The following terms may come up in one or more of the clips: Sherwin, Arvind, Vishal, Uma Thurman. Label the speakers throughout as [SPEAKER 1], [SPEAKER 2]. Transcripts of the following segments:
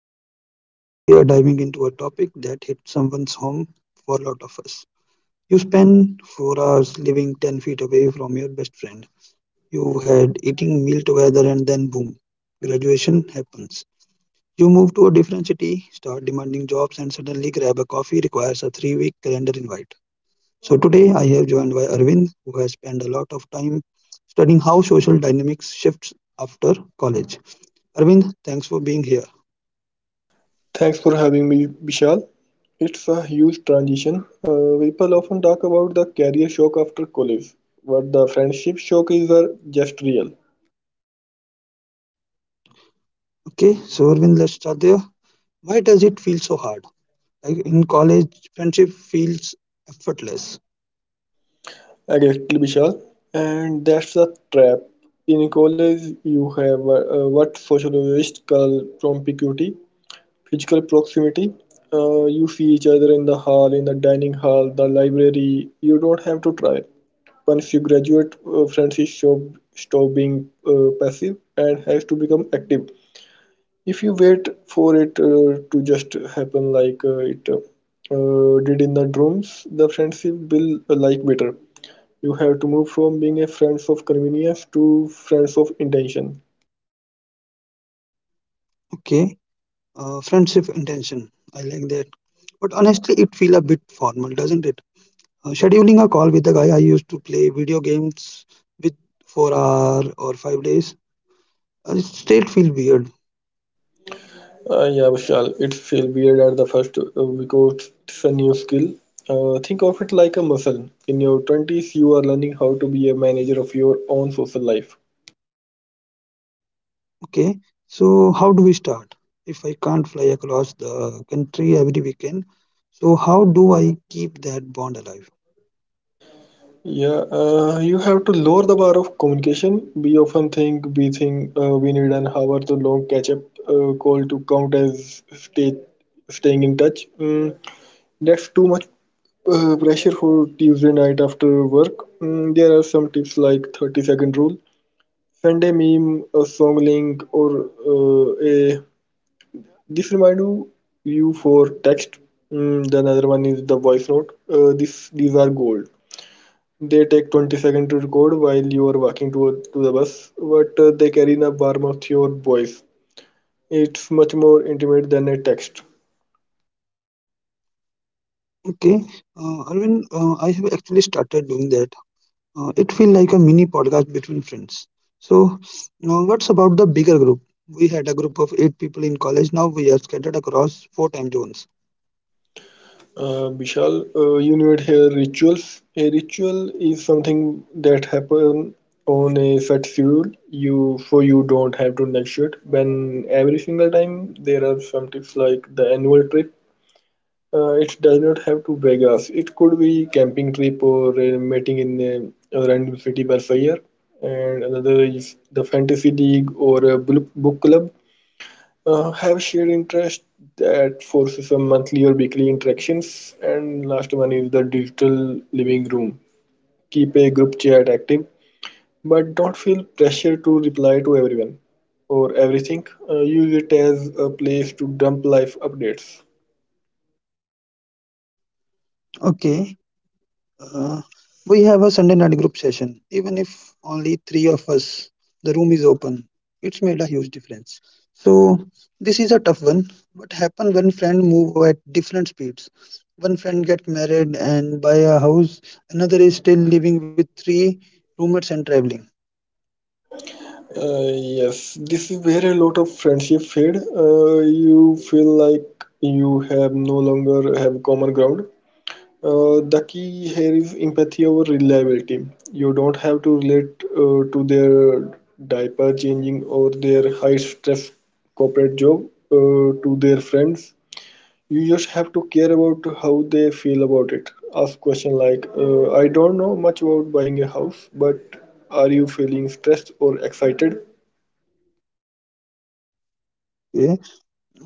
[SPEAKER 1] podcast. Today, we are diving into a topic that hits someone's home for a lot of us. You spend 4 hours living 10 feet away from your best friend. You had eating meal together, and then boom, graduation happens. You move to a different city, start demanding jobs, and suddenly grab a coffee requires a 3 week calendar invite. So, today I have joined by Arvind, who has spent a lot of time studying how social dynamics shifts after college. Arvind, thanks for being here.
[SPEAKER 2] Thanks for having me, Vishal. It's a huge transition. People often talk about the career shock after college, but the friendship shock is just real.
[SPEAKER 1] Okay, so Arvind, let's start there. Why does it feel so hard? Like in college, friendship feels effortless.
[SPEAKER 2] Exactly, Vishal. And that's the trap. In college, you have what sociologists call promiscuity, physical proximity. You see each other in the hall, in the dining hall, the library. You don't have to try. Once you graduate, Francis shop stop being passive and has to become active. If you wait for it to just happen like it did in the drums, the friendship will like better. You have to move from being a friends of convenience to friends of intention.
[SPEAKER 1] Okay, friendship intention. I like that. But honestly, it feels a bit formal, doesn't it? Scheduling a call with the guy I used to play video games with for hour or 5 days, it still feels weird.
[SPEAKER 2] Yeah, Vishal, it feels weird at the first because it's a new skill. Think of it like a muscle. In your 20s, you are learning how to be a manager of your own social life.
[SPEAKER 1] Okay, so how do we start? If I can't fly across the country every weekend, so how do I keep that bond alive?
[SPEAKER 2] Yeah, you have to lower the bar of communication. We often think we need an hour to long catch-up call to count as staying in touch. Mm, that's too much pressure for Tuesday night after work. Mm, there are some tips like 30-second rule, send a meme, a song link, or a this remind you for text. Mm, the another one is the voice note. This these are gold. They take 20 seconds to record while you are walking to the bus, but they carry the warmth of your voice. It's much more intimate than a text.
[SPEAKER 1] Okay, Arvind, I have actually started doing that. It feels like a mini podcast between friends. So, now what's about the bigger group? We had a group of eight people in college. Now we are scattered across four time zones.
[SPEAKER 2] Vishal, you need here rituals. A ritual is something that happen on a set schedule, you so you don't have to negotiate. When every single time there are some tips like the annual trip. It does not have to Vegas. It could be camping trip or meeting in a random city by fire. And another is the fantasy league or a book club. Have shared interest that forces some monthly or weekly interactions. And last one is the digital living room. Keep a group chat active, but don't feel pressure to reply to everyone or everything. Use it as a place to dump life updates.
[SPEAKER 1] Okay, Uh, we have a Sunday night group session. Even if only three of us, the room is open. It's made a huge difference. So this is a tough one. What happen when friends move at different speeds? One friend get married and buy a house. Another is still living with three roommates and traveling.
[SPEAKER 2] Yes, this is where a lot of friendship fade. You feel like you have no longer have common ground. The key here is empathy over reliability. You don't have to relate to their diaper changing or their high stress corporate job to their friends. You just have to care about how they feel about it. Ask question like, I don't know much about buying a house, but are you feeling stressed or excited?
[SPEAKER 1] Okay.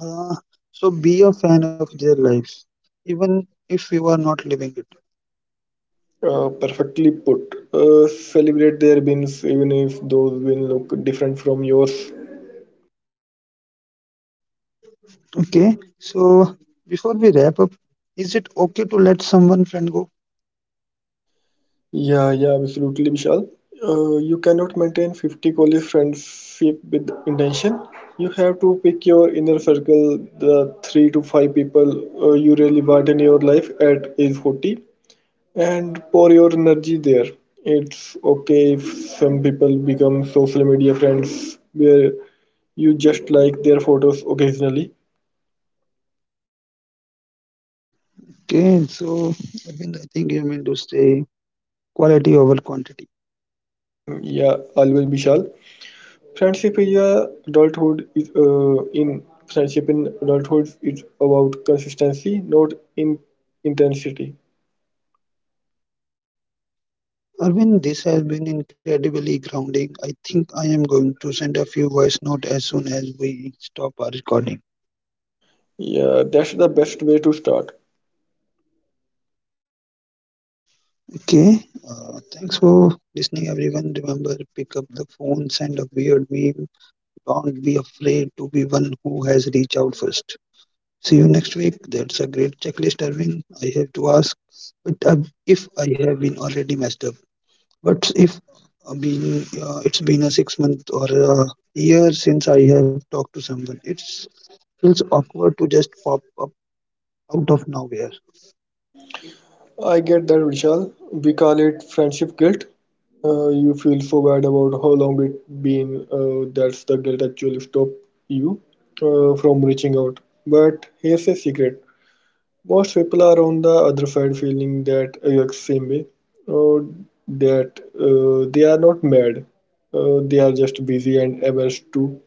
[SPEAKER 1] Uh, so be a fan of their lives, even if you are not living it.
[SPEAKER 2] Perfectly put. Celebrate their wins, even if those wins look different from yours.
[SPEAKER 1] Okay. So before we wrap up, is it okay to let someone friend go?
[SPEAKER 2] Yeah, yeah, absolutely, Vishal. You cannot maintain 50 college friendship with intention. You have to pick your inner circle, the three to five people you really want in your life at age 40, and pour your energy there. It's okay if some people become social media friends where you just like their photos occasionally.
[SPEAKER 1] Okay, so Arvind, I think you meant to say quality over quantity.
[SPEAKER 2] Mm, yeah, always, Vishal. Friendship is a adulthood is in friendship in adulthood is about consistency, not in intensity.
[SPEAKER 1] Arvind, this has been incredibly grounding. I think I am going to send a few voice notes as soon as we stop our recording.
[SPEAKER 2] Yeah, that's the best way to start.
[SPEAKER 1] Okay, thanks for listening, everyone. Remember, pick up the phone, send a weird meme. Don't be afraid to be one who has reached out first. See you next week. That's a great checklist, Arvind. I have to ask, but if I have been already messed up. But if been it's been a 6 month or a year since I have talked to someone, it feels awkward to just pop up out of nowhere.
[SPEAKER 2] I get that, Vishal. We call it friendship guilt. You feel so bad about how long it been. That's the guilt actually stop you from reaching out. But here's a secret: most people are on the other side feeling that exact same way, or that they are not mad, they are just busy and averse too.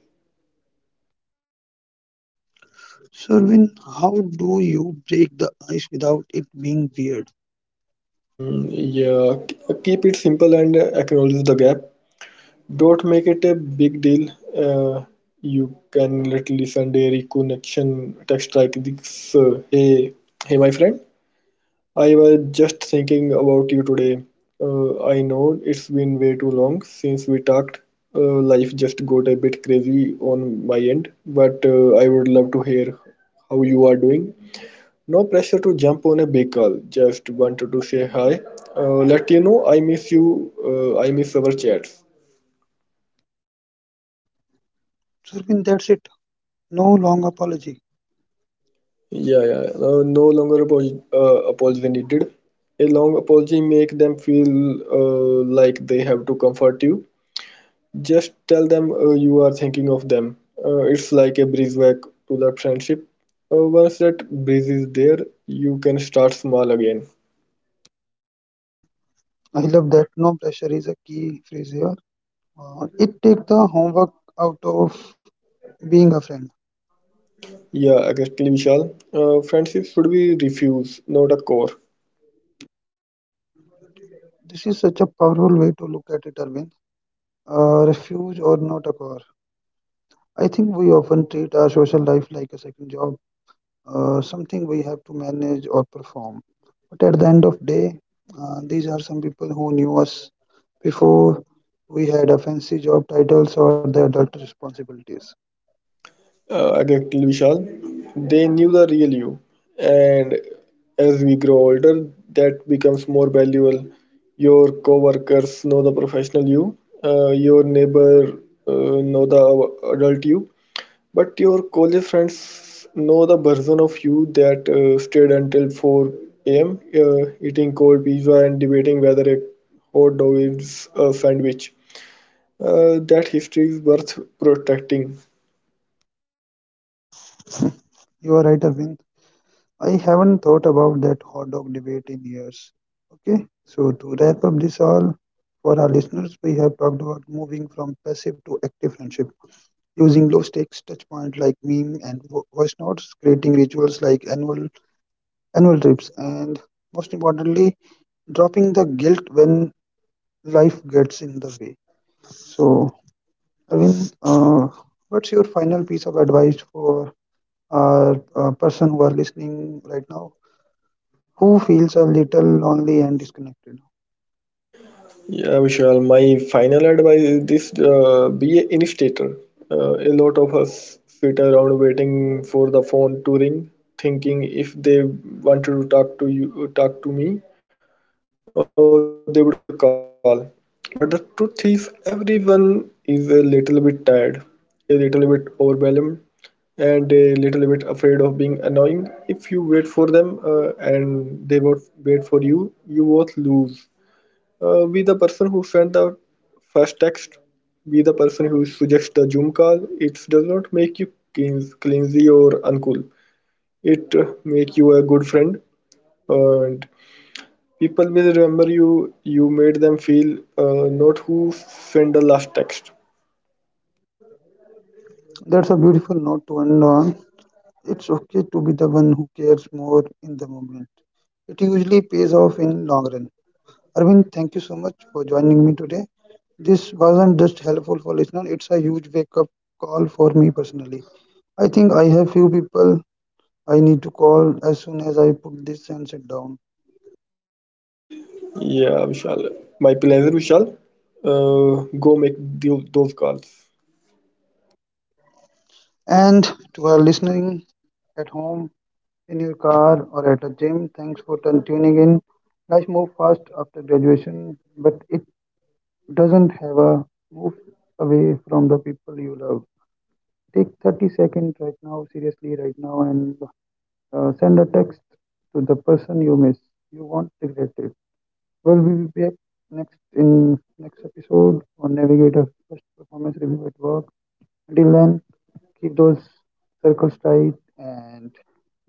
[SPEAKER 1] Sherwin, how do you break the ice without it being weird?
[SPEAKER 2] Keep it simple and acknowledge the gap. Don't make it a big deal. Uh, you can literally send a reconnection text like this: "Hey, my friend. I was just thinking about you today. I know it's been way too long since we talked. Life just got a bit crazy on my end, but I would love to hear how you are doing. No pressure to jump on a big call, just wanted to say hi. Let you know I miss you, I miss our chats."
[SPEAKER 1] Sherwin, that's it. No long apology.
[SPEAKER 2] Yeah, yeah. No apology needed. A long apology make them feel like they have to comfort you. Just tell them you are thinking of them. It's like a breeze back to that friendship. Once that breeze is there, you can start small again.
[SPEAKER 1] I love that. No pressure is a key phrase here. It takes the homework out of being a friend.
[SPEAKER 2] Yeah, exactly, Vishal. Friendship should be refuse, not a core.
[SPEAKER 1] This is such a powerful way to look at it, Arvind. Refuge or not a call. I think we often treat our social life like a second job, something we have to manage or perform. But at the end of day, these are some people who knew us before we had a fancy job titles or the adult responsibilities.
[SPEAKER 2] Exactly, Vishal. They knew the real you, and as we grow older, that becomes more valuable. Your coworkers know the professional you. Your neighbor know the adult you. But your college friends know the version of you that stayed until 4 a.m., eating cold pizza and debating whether a hot dog is a sandwich. That history is worth protecting.
[SPEAKER 1] You are right, Arvind. I haven't thought about that hot dog debate in years. Okay, so to wrap up this all, for our listeners, we have talked about moving from passive to active friendship. Using low stakes touch point like meme and voice notes, creating rituals like annual trips, and most importantly, dropping the guilt when life gets in the way. So, Arvind, what's your final piece of advice for a person who are listening right now who feels a little lonely and disconnected?
[SPEAKER 2] Yeah, Vishal, my final advice is this: be an initiator. A lot of us sit around waiting for the phone to ring, thinking if they wanted to talk to you, talk to me, oh, they would call. But the truth is, everyone is a little bit tired, a little bit overwhelmed, and a little bit afraid of being annoying. If you wait for them and they won't wait for you, you both lose. Be the person who sent the first text, be the person who suggests the Zoom call. It does not make you cleansy or uncool. It make you a good friend. And people will remember you. You made them feel, not who sent the last text.
[SPEAKER 1] That's a beautiful note to end on. It's okay to be the one who cares more in the moment. It usually pays off in long run. Arvind, thank you so much for joining me today. This wasn't just helpful for listeners, it's a huge wake up call for me personally. I think I have few people I need to call as soon as I put this and sit down.
[SPEAKER 2] Yeah, Vishal. My pleasure, Vishal. Go make those calls.
[SPEAKER 1] And to our listening at home, in your car, or at a gym, thanks for tuning in. Life moves fast after graduation, but it doesn't have a move away from the people you love. Take 30 seconds right now, seriously, right now, and send a text to the person you miss. You won't regret it. Well, we will be back next in next episode on Navigator First Performance Review at Work. Until then, keep those circles tight and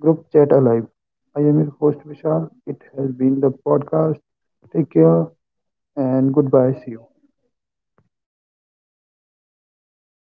[SPEAKER 1] group chat alive. I am your host Vishal. It has been the podcast. Take care and goodbye. See you.